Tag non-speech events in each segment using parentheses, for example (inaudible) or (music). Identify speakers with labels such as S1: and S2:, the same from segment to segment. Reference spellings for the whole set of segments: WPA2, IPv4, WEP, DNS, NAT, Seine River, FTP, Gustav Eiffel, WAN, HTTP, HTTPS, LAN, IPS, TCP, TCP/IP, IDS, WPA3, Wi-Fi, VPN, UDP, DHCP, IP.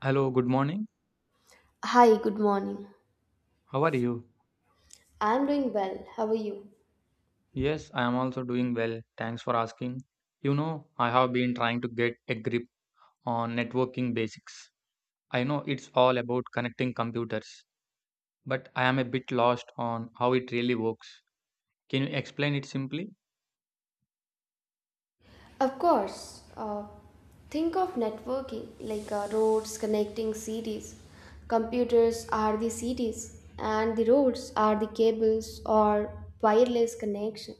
S1: Hello, good morning.
S2: Hi, good morning.
S1: How are you?
S2: I'm doing well. How are you?
S1: Yes, I am also doing well. Thanks for asking. You know, I have been trying to get a grip on networking basics. I know it's all about connecting computers, but I am a bit lost on how it really works. Can you explain it simply?
S2: Of course. Think of networking like roads connecting cities. Computers are the cities, and the roads are the cables or wireless connection.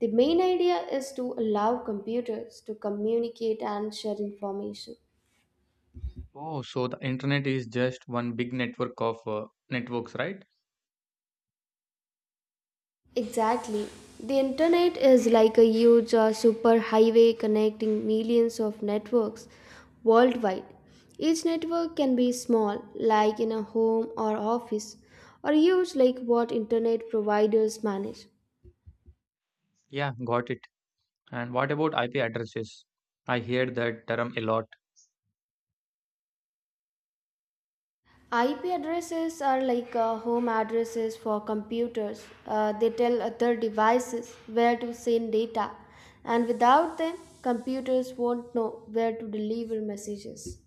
S2: The main idea is to allow computers to communicate and share information.
S1: Oh, so the internet is just one big network of networks, right?
S2: Exactly. The internet is like a huge superhighway connecting millions of networks worldwide. Each network can be small, like in a home or office, or huge, like what internet providers manage.
S1: Yeah, got it. And what about IP addresses? I hear that term a lot.
S2: IP addresses are like home addresses for computers. They tell other devices where to send data, and without them, computers won't know where to deliver messages.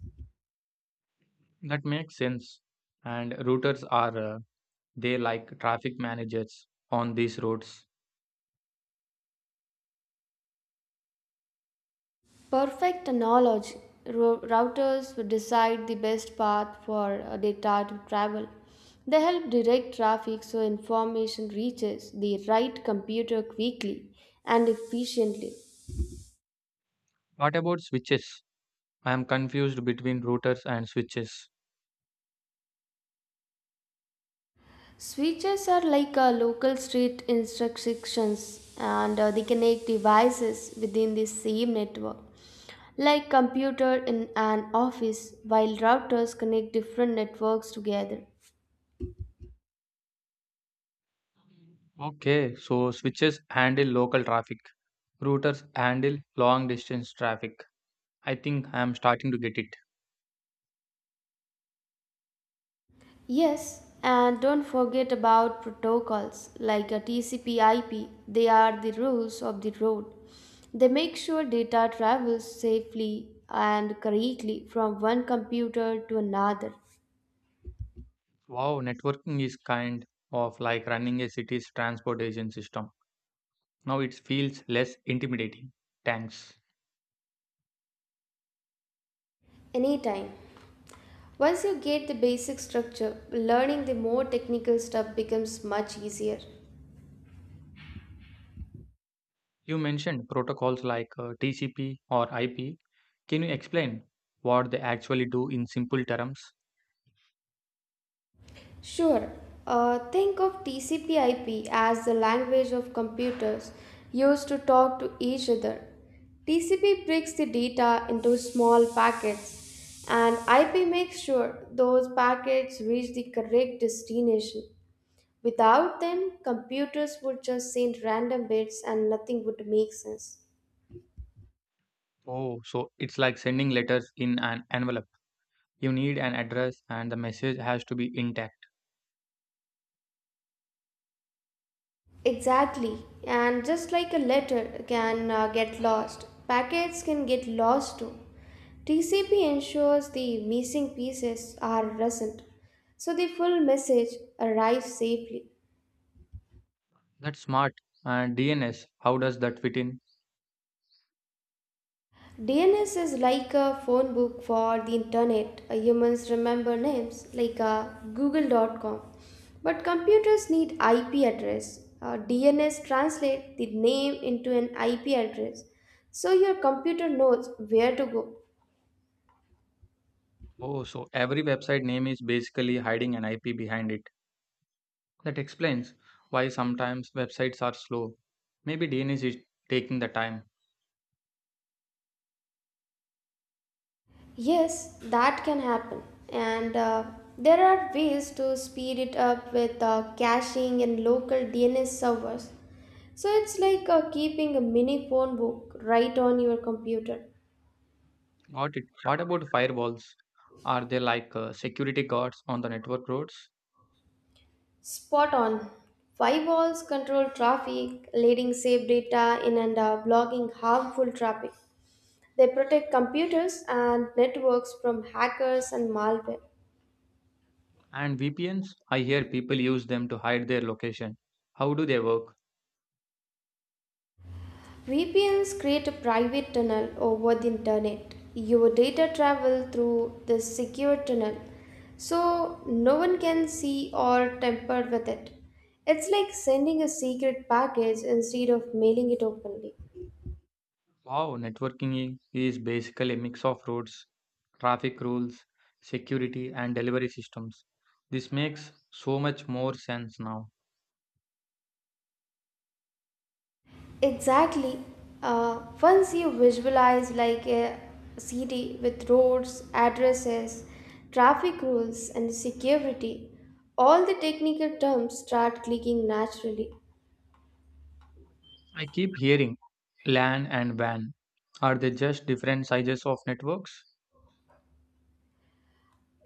S1: That makes sense. And routers are They like traffic managers on these roads.
S2: Perfect knowledge. Routers decide the best path for data to travel. They help direct traffic so information reaches the right computer quickly and efficiently.
S1: What about switches? I am confused between routers and switches.
S2: Switches are like local street instructions, and they connect devices within the same network like computer in an office, while routers connect different networks together.
S1: Okay, so switches handle local traffic, routers handle long distance traffic. I think I am starting to get it.
S2: Yes, and don't forget about protocols like a TCP IP. They are the rules of the road. They make sure data travels safely and correctly from one computer to another.
S1: Wow, networking is kind of like running a city's transportation system. Now it feels less intimidating. Thanks.
S2: Anytime. Once you get the basic structure, learning the more technical stuff becomes much easier.
S1: You mentioned protocols like TCP or IP. Can you explain what they actually do in simple terms?
S2: Sure. Think of TCP/IP as the language of computers used to talk to each other. TCP breaks the data into small packets, and IP makes sure those packets reach the correct destination. Without them, computers would just send random bits and nothing would make sense.
S1: Oh, so it's like sending letters in an envelope. You need an address and the message has to be intact.
S2: Exactly, and just like a letter can get lost, packets can get lost too. TCP ensures the missing pieces are present, so the full message arrives safely.
S1: That's smart. And DNS, how does that fit in?
S2: DNS is like a phone book for the internet. Humans remember names like google.com, but computers need IP address. DNS translates the name into an IP address, so your computer knows where to go.
S1: Oh, so every website name is basically hiding an IP behind it. That explains why sometimes websites are slow. Maybe DNS is taking the time.
S2: Yes, that can happen. And there are ways to speed it up with caching and local DNS servers. So it's like keeping a mini phone book right on your computer.
S1: Got it. What about firewalls? Are they like security guards on the network roads?
S2: Spot on. Firewalls control traffic, letting safe data in and blocking harmful traffic. They protect computers and networks from hackers and malware.
S1: And VPNs? I hear people use them to hide their location. How do they work?
S2: VPNs create a private tunnel over the internet. Your data travel through this secure tunnel, so no one can see or tamper with it. It's like sending a secret package instead of mailing it openly.
S1: Wow, networking is basically a mix of roads, traffic rules, security, and delivery systems. This makes so much more sense now.
S2: Exactly. Once you visualize like a city with roads, addresses, traffic rules, and security, all the technical terms start clicking naturally.
S1: I keep hearing LAN and WAN. Are they just different sizes of networks?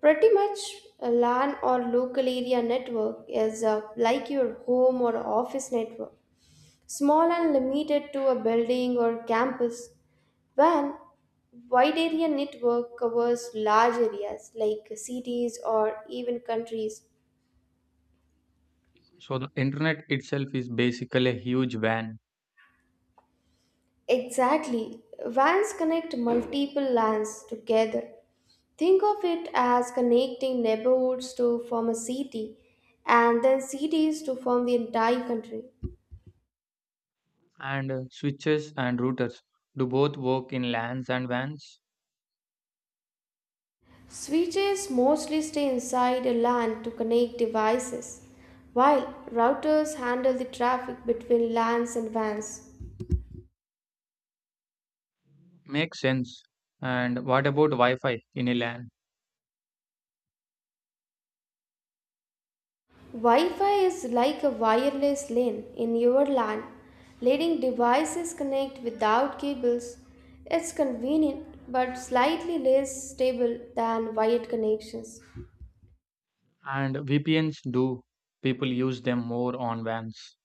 S2: Pretty much a LAN or local area network is like your home or office network, small and limited to a building or campus. When wide area network covers large areas like cities or even countries.
S1: So the internet itself is basically a huge WAN,
S2: Exactly, WANs connect multiple LANs together. Think of it as connecting neighborhoods to form a city and then cities to form the entire country.
S1: and switches and routers do both work in LANs and WANs?
S2: Switches mostly stay inside a LAN to connect devices, while routers handle the traffic between LANs and WANs.
S1: Makes sense. And what about Wi-Fi in a LAN?
S2: Wi Fi is like a wireless LAN in your LAN, letting devices connect without cables. It's convenient but slightly less stable than wired connections.
S1: And VPNs do. People use them more on vans.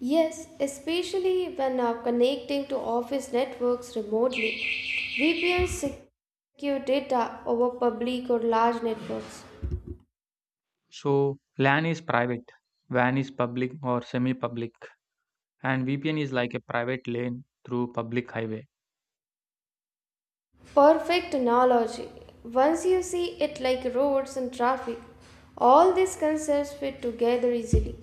S2: Yes, especially when connecting to office networks remotely. VPNs secure data over public or large networks.
S1: So LAN is private, WAN is public or semi public, and VPN is like a private lane through public highway.
S2: Perfect analogy. Once you see it like roads and traffic, all these concepts fit together easily.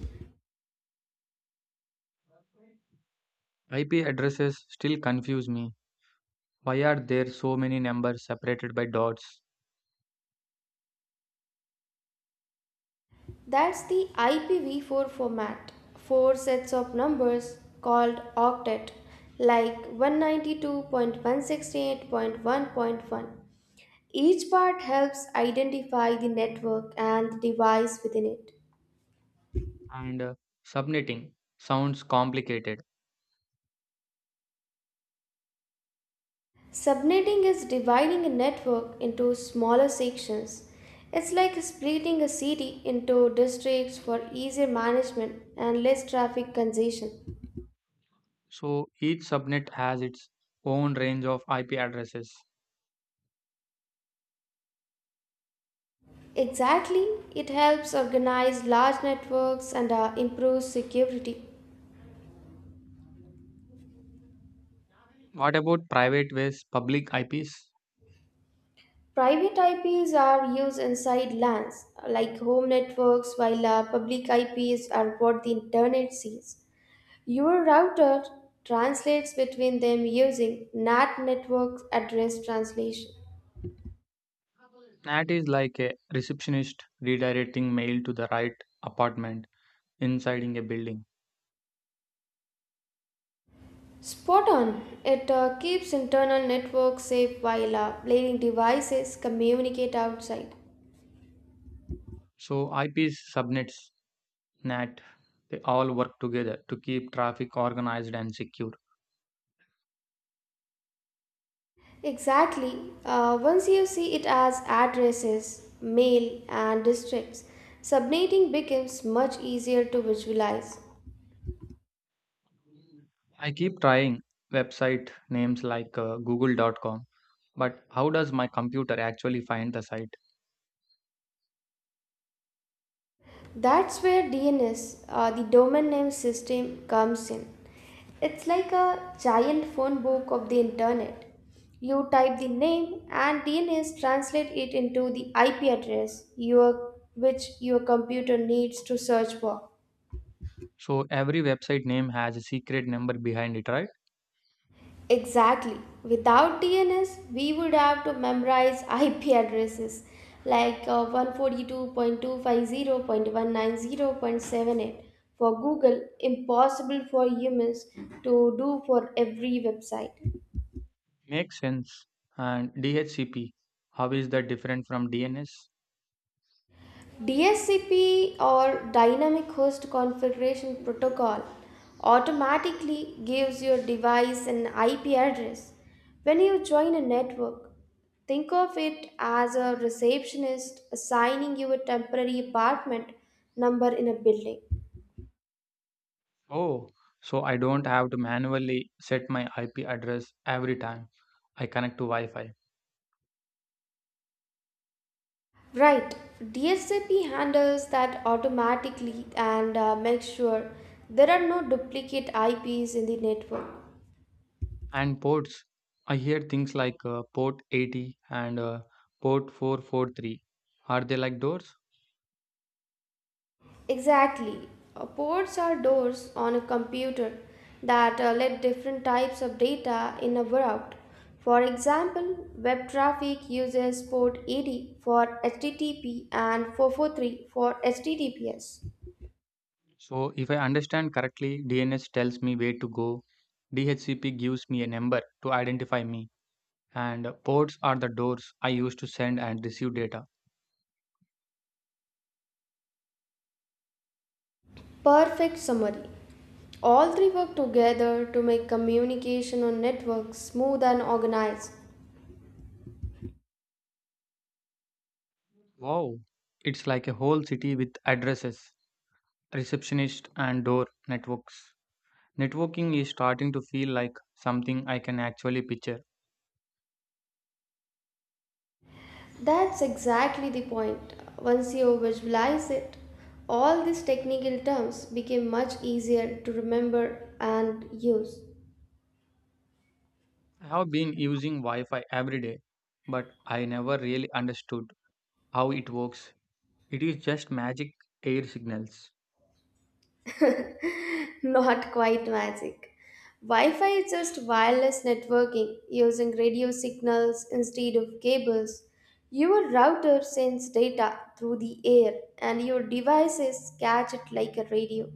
S1: IP addresses still confuse me. Why are there so many numbers separated by dots?
S2: That's the IPv4 format, four sets of numbers called octet, like 192.168.1.1. Each part helps identify the network and the device within it.
S1: And Subnetting sounds complicated.
S2: Subnetting is dividing a network into smaller sections. It's like splitting a city into districts for easier management and less traffic congestion.
S1: So each subnet has its own range of IP addresses.
S2: Exactly, it helps organize large networks and improves security.
S1: What about private versus public IPs?
S2: Private IPs are used inside LANs, like home networks, while public IPs are what the internet sees. Your router translates between them using NAT network address translation.
S1: Nat is like a receptionist redirecting mail to the right apartment inside in a building.
S2: Spot on. It keeps internal networks safe while letting devices communicate outside.
S1: So IPs, subnets, NAT, they all work together to keep traffic organized and secure.
S2: Exactly. Once you see it as addresses, mail, and districts, subnetting becomes much easier to visualize.
S1: I keep trying website names like google.com, but how does my computer actually find the site?
S2: That's where DNS, the domain name system, comes in. It's like a giant phone book of the internet. You type the name and DNS translate it into the IP address which your computer needs to search for.
S1: So every website name has a secret number behind it, right?
S2: Exactly. Without DNS, we would have to memorize IP addresses like 142.250.190.78 for Google, impossible for humans to do for every website.
S1: Makes sense. And DHCP, how is that different from DNS?
S2: DSCP or Dynamic Host Configuration Protocol automatically gives your device an IP address when you join a network. Think of it as a receptionist assigning you a temporary apartment number in a building.
S1: Oh, so I don't have to manually set my IP address every time I connect to Wi Fi.
S2: Right, DSCP handles that automatically and makes sure there are no duplicate IPs in the network.
S1: And ports, I hear things like port 80 and port 443. Are they like doors?
S2: Exactly. Ports are doors on a computer that let different types of data in a route. For example, web traffic uses port 80 for HTTP and 443 for HTTPS.
S1: So, if I understand correctly, DNS tells me where to go, DHCP gives me a number to identify me, and ports are the doors I use to send and receive data.
S2: Perfect summary. All three work together to make communication on networks smooth and organized.
S1: Wow, it's like a whole city with addresses, receptionists, and door networks. Networking is starting to feel like something I can actually picture.
S2: That's exactly the point. Once you visualize it, all these technical terms became much easier to remember and use.
S1: I have been using Wi Fi every day, but I never really understood how it works. It is just magic air signals.
S2: (laughs) Not quite magic. Wi Fi is just wireless networking using radio signals instead of cables. Your router sends data through the air, and your devices catch it like a radio.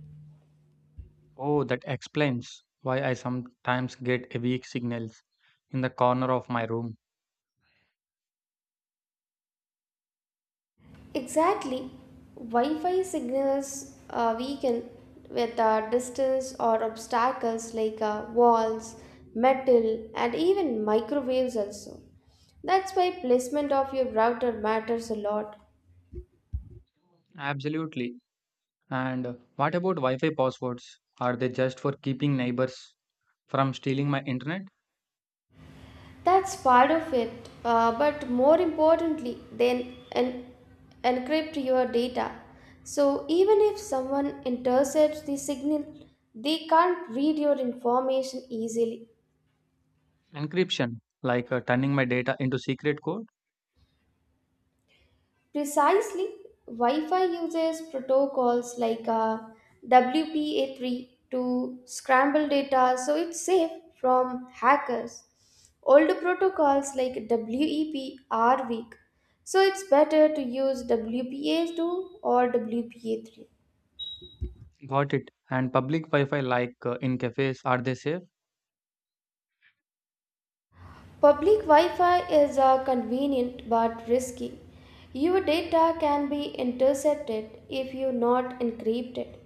S1: Oh, that explains why I sometimes get a weak signals in the corner of my room.
S2: Exactly. Wi-Fi signals are weaken with distance or obstacles like walls, metal, and even microwaves also. That's why placement of your router matters a lot.
S1: Absolutely. And what about Wi Fi passwords? Are they just for keeping neighbors from stealing my internet?
S2: That's part of it, but more importantly, encrypt your data. So even if someone intercepts the signal, they can't read your information easily.
S1: Encryption, like turning my data into secret code?
S2: Precisely, Wi Fi uses protocols like WPA3 to scramble data so it's safe from hackers. Older protocols like WEP are weak, so it's better to use WPA2 or WPA3.
S1: Got it. And public Wi Fi, like in cafes, are they safe?
S2: Public Wi Fi is convenient but risky. Your data can be intercepted if you're not encrypted.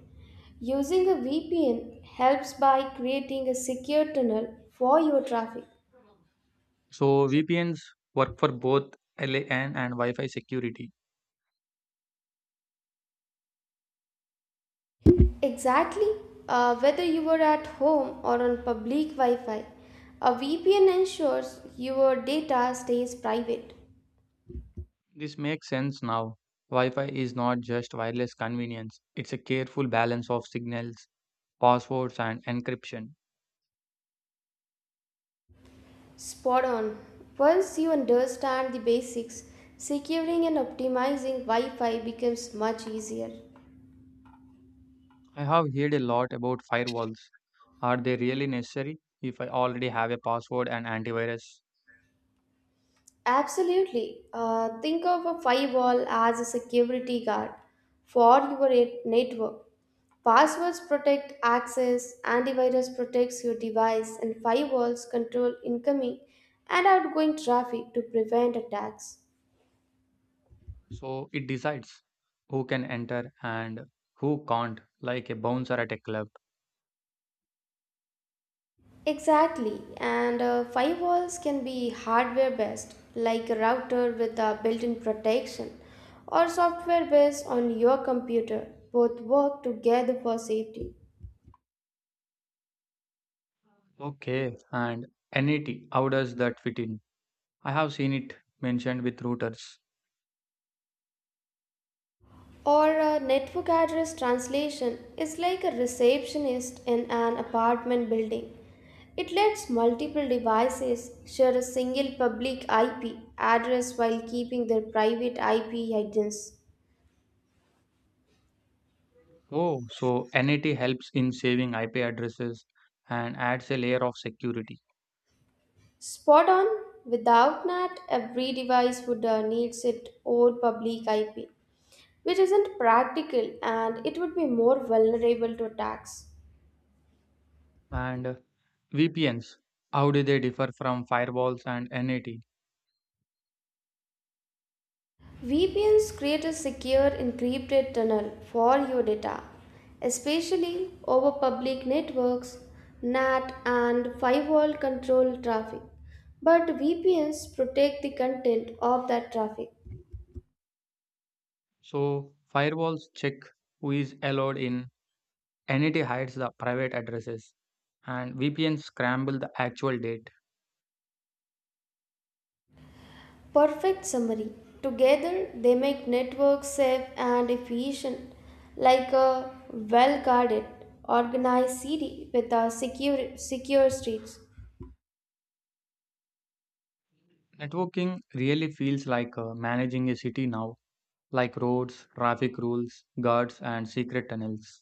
S2: Using a VPN helps by creating a secure tunnel for your traffic.
S1: So VPNs work for both LAN and Wi Fi security.
S2: Exactly, whether you are at home or on public Wi Fi, a VPN ensures your data stays private.
S1: This makes sense now. Wi Fi is not just wireless convenience, it's a careful balance of signals, passwords, and encryption.
S2: Spot on. Once you understand the basics, securing and optimizing Wi Fi becomes much easier.
S1: I have heard a lot about firewalls. Are they really necessary if I already have a password and antivirus?
S2: Absolutely. Think of a firewall as a security guard for your network. Passwords protect access, antivirus protects your device, and firewalls control incoming and outgoing traffic to prevent attacks.
S1: So it decides who can enter and who can't, like a bouncer at a club.
S2: Exactly, and firewalls can be hardware based, like a router with a built in protection, or software based on your computer. Both work together for safety.
S1: Okay, and NAT, how does that fit in? I have seen it mentioned with routers.
S2: Or a network address translation is like a receptionist in an apartment building. It lets multiple devices share a single public IP address while keeping their private IP hidden.
S1: Oh, so NAT helps in saving IP addresses and adds a layer of security.
S2: Spot on. Without NAT, every device would need its own public IP, which isn't practical and it would be more vulnerable to attacks.
S1: And VPNs, how do they differ from firewalls and NAT?
S2: VPNs create a secure encrypted tunnel for your data, especially over public networks, NAT, and firewall control traffic. But VPNs protect the content of that traffic.
S1: So firewalls check who is allowed in, NAT hides the private addresses, and VPN scramble the actual date.
S2: Perfect summary. Together, they make networks safe and efficient, like a well guarded, organized city with a secure streets.
S1: Networking really feels like managing a city now, like roads, traffic rules, guards, and secret tunnels.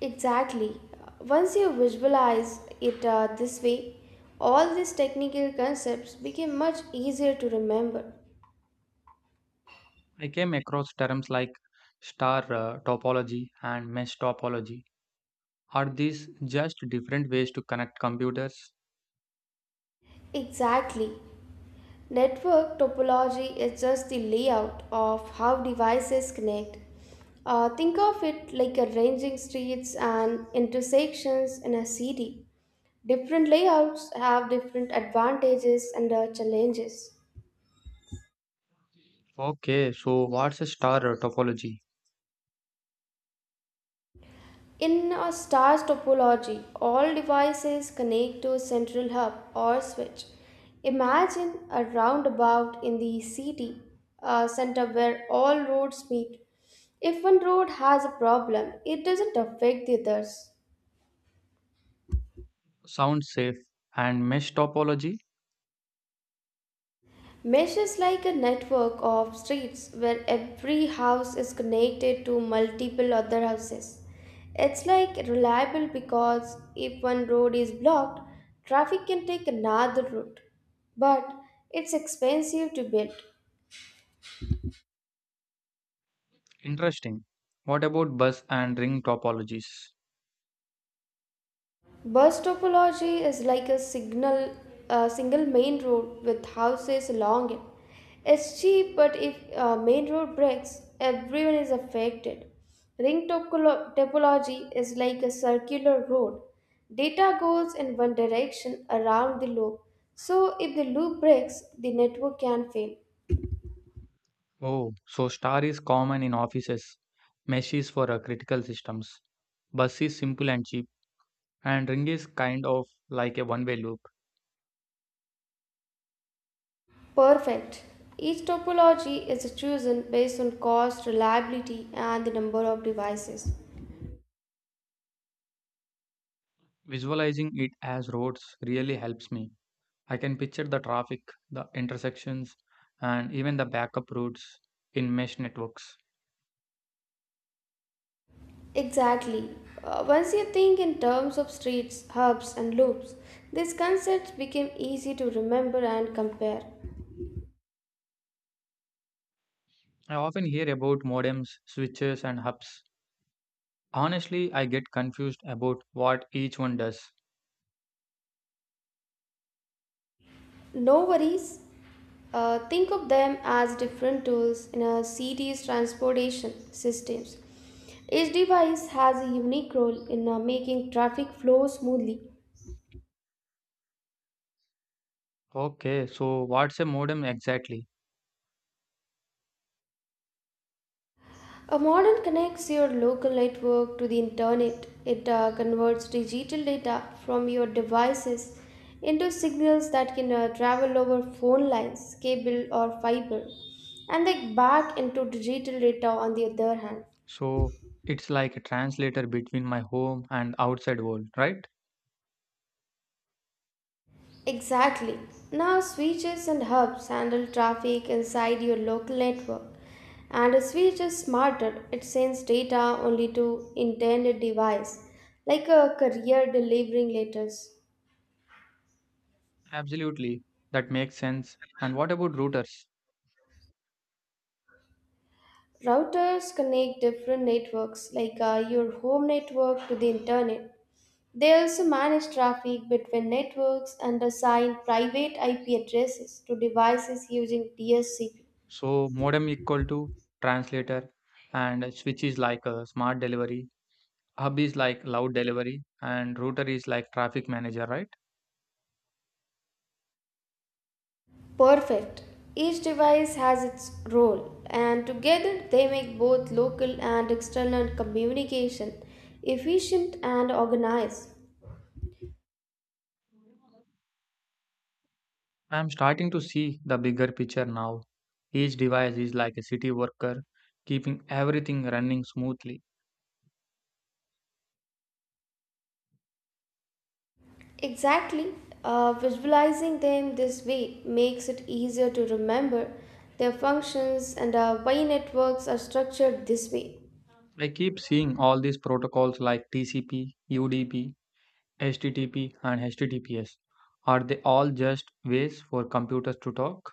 S2: Exactly. Once you visualize it this way, all these technical concepts become much easier to remember.
S1: I came across terms like star topology and mesh topology. Are these just different ways to connect computers?
S2: Exactly. Network topology is just the layout of how devices connect. Think of it like arranging streets and intersections in a city. Different layouts have different advantages and challenges.
S1: Okay, so what's a star topology?
S2: In a star's topology, all devices connect to a central hub or switch. Imagine a roundabout in the city center where all roads meet. If one road has a problem, it doesn't affect the others.
S1: Sounds safe. And mesh topology?
S2: Mesh is like a network of streets where every house is connected to multiple other houses. It's like reliable because if one road is blocked, traffic can take another route. But it's expensive to build.
S1: Interesting. What about bus and ring topologies?
S2: Bus topology is like a signal, a single main road with houses along it. It's cheap, but if a main road breaks, everyone is affected. Topology is like a circular road. Data goes in one direction around the loop, so if the loop breaks, the network can fail.
S1: Oh, so star is common in offices, mesh is for critical systems. Bus is simple and cheap, and ring is kind of like a one way loop.
S2: Perfect. Each topology is chosen based on cost, reliability, and the number of devices.
S1: Visualizing it as roads really helps me. I can picture the traffic, the intersections, and even the backup routes in mesh networks.
S2: Exactly. Once you think in terms of streets, hubs, and loops, these concepts became easy to remember and compare.
S1: I often hear about modems, switches, and hubs. Honestly, I get confused about what each one does.
S2: No worries. Think of them as different tools in a city's transportation systems. Each device has a unique role in making traffic flow smoothly.
S1: Okay, so what's a modem exactly?
S2: A modern connects your local network to the internet. It converts digital data from your devices into signals that can travel over phone lines, cable, or fiber, and then back into digital data on the other hand.
S1: So it's like a translator between my home and outside world, right?
S2: Exactly. Now, switches and hubs handle traffic inside your local network. And a switch is smarter, it sends data only to intended device, like a courier delivering letters.
S1: Absolutely. That makes sense. And what about routers?
S2: Routers connect different networks like your home network to the internet. They also manage traffic between networks and assign private IP addresses to devices using DSCP.
S1: So modem equal to translator and switch is like a smart delivery, hub is like loud delivery, and router is like traffic manager, right?
S2: Perfect. Each device has its role, and together they make both local and external communication efficient and organized.
S1: I'm starting to see the bigger picture now. Each device is like a city worker, keeping everything running smoothly.
S2: Exactly. Visualizing them this way makes it easier to remember their functions and why networks are structured this way.
S1: I keep seeing all these protocols like TCP, UDP, HTTP, and HTTPS. Are they all just ways for computers to talk?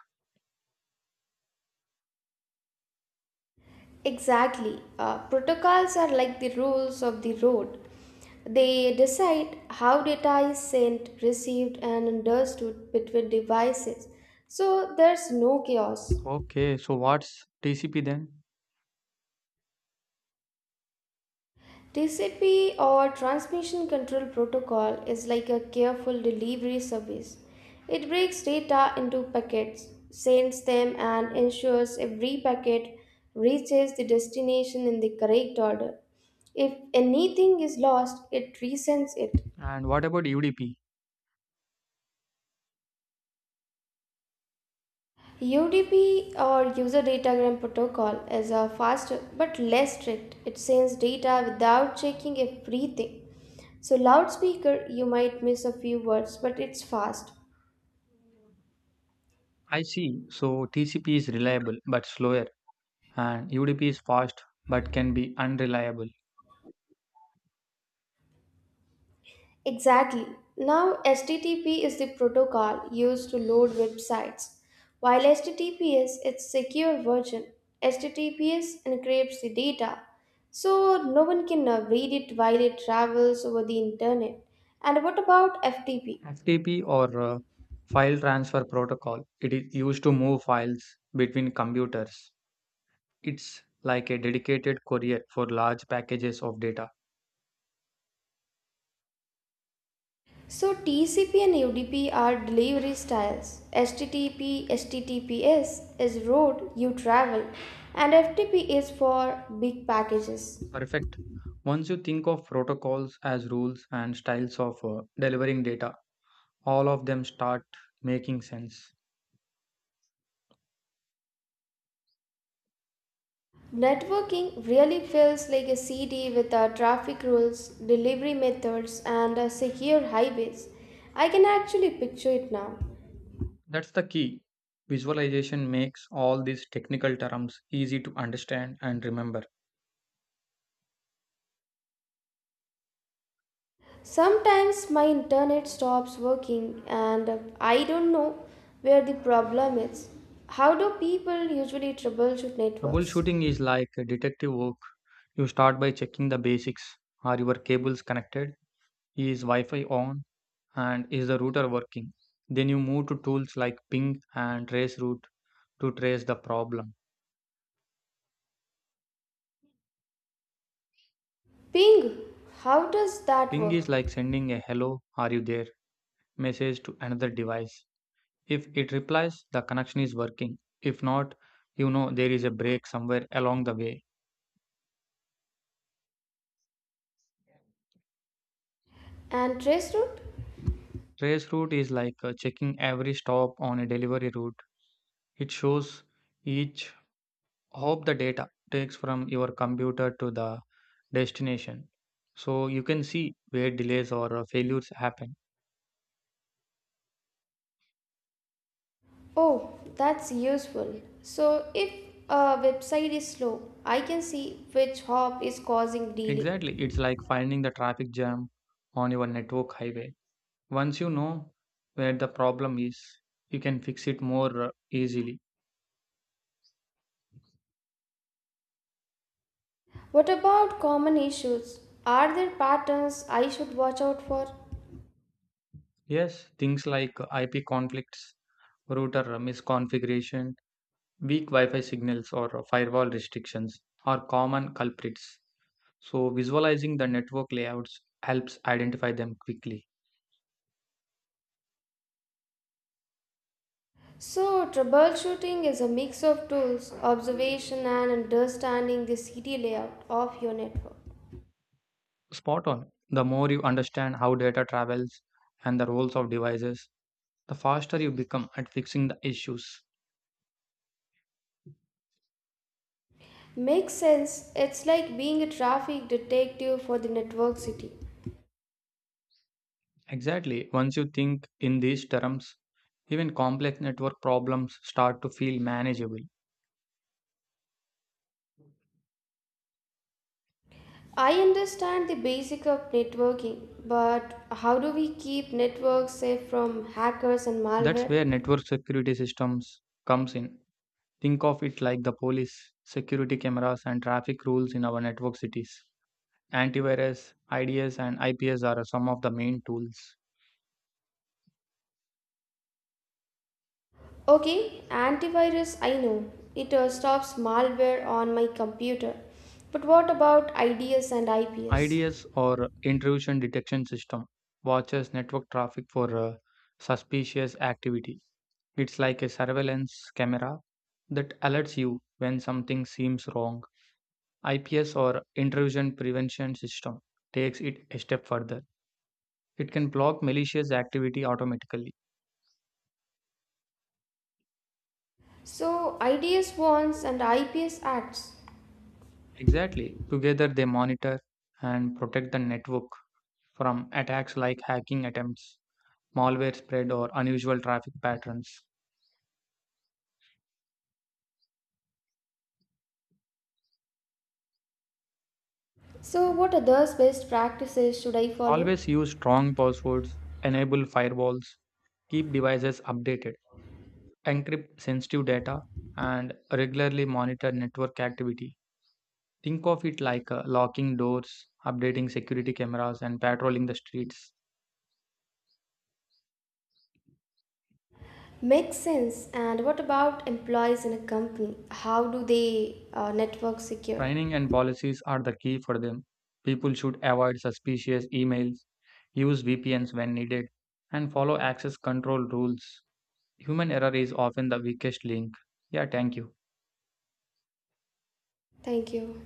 S2: Exactly. Protocols are like the rules of the road. They decide how data is sent, received, and understood between devices. So there's no chaos.
S1: Okay, so what's TCP then?
S2: TCP or Transmission Control Protocol is like a careful delivery service. It breaks data into packets, sends them, and ensures every packet reaches the destination in the correct order. If anything is lost, it resends it.
S1: And what about UDP?
S2: UDP or User Datagram Protocol is a faster but less strict. It sends data without checking everything. So, loudspeaker, you might miss a few words, but it's fast.
S1: I see. So TCP is reliable but slower, and UDP is fast but can be unreliable.
S2: Exactly. Now, HTTP is the protocol used to load websites, while HTTPS its secure version. HTTPS encrypts the data, so no one can read it while it travels over the internet. And what about FTP?
S1: FTP or file transfer protocol, it is used to move files between computers. It's like a dedicated courier for large packages of data.
S2: So TCP and UDP are delivery styles. HTTP, HTTPS is road you travel, and FTP is for big packages.
S1: Perfect. Once you think of protocols as rules and styles of delivering data, all of them start making sense.
S2: Networking really feels like a city with our traffic rules, delivery methods, and secure highways. I can actually picture it now.
S1: That's the key. Visualization makes all these technical terms easy to understand and remember.
S2: Sometimes my internet stops working and I don't know where the problem is. How do people usually troubleshoot networks?
S1: Troubleshooting is like detective work. You start by checking the basics. Are your cables connected? Is Wi Fi on? And is the router working? Then you move to tools like ping and traceroute to trace the problem.
S2: Ping, how does that
S1: Ping
S2: work?
S1: is like sending a hello, are you there? Message to another device. If it replies, the connection is working. If not, you know there is a break somewhere along the way.
S2: And traceroute?
S1: Trace route is like checking every stop on a delivery route. It shows each hop the data takes from your computer to the destination. So you can see where delays or failures happen.
S2: Oh, that's useful. So, if a website is slow, I can see which hop is causing delay.
S1: Exactly. It's like finding the traffic jam on your network highway. Once you know where the problem is, you can fix it more easily.
S2: What about common issues? Are there patterns I should watch out for?
S1: Yes, things like IP conflicts, router misconfiguration, weak Wi Fi signals, or firewall restrictions are common culprits. So, visualizing the network layouts helps identify them quickly.
S2: So, troubleshooting is a mix of tools, observation, and understanding the city layout of your network.
S1: Spot on. The more you understand how data travels and the roles of devices, the faster you become at fixing the issues.
S2: Makes sense, it's like being a traffic detective for the network city.
S1: Exactly. Once you think in these terms, even complex network problems start to feel manageable.
S2: I understand the basic of networking, but how do we keep networks safe from hackers and
S1: That's
S2: malware?
S1: where network security systems comes in. Think of it like the police, security cameras and traffic rules in our network cities. Antivirus, IDS and IPS are some of the main tools.
S2: Okay, antivirus I know. It stops malware on my computer. But what about IDS and IPS?
S1: IDS or intrusion detection system watches network traffic for suspicious activity. It's like a surveillance camera that alerts you when something seems wrong. IPS or intrusion prevention system takes it a step further. It can block malicious activity automatically.
S2: So, IDS warns and IPS acts.
S1: Exactly. Together they monitor and protect the network from attacks like hacking attempts, malware spread or unusual traffic patterns.
S2: So, what are those best practices should I follow?
S1: Always use strong passwords, enable firewalls, keep devices updated encrypt sensitive data, and regularly monitor network activity. Think of it like locking doors, updating security cameras, and patrolling the streets.
S2: Makes sense. And what about employees in a company? How do they network secure?
S1: Training and policies are the key for them. People should avoid suspicious emails, use VPNs when needed, and follow access control rules. Human error is often the weakest link. Yeah, thank you.
S2: Thank you.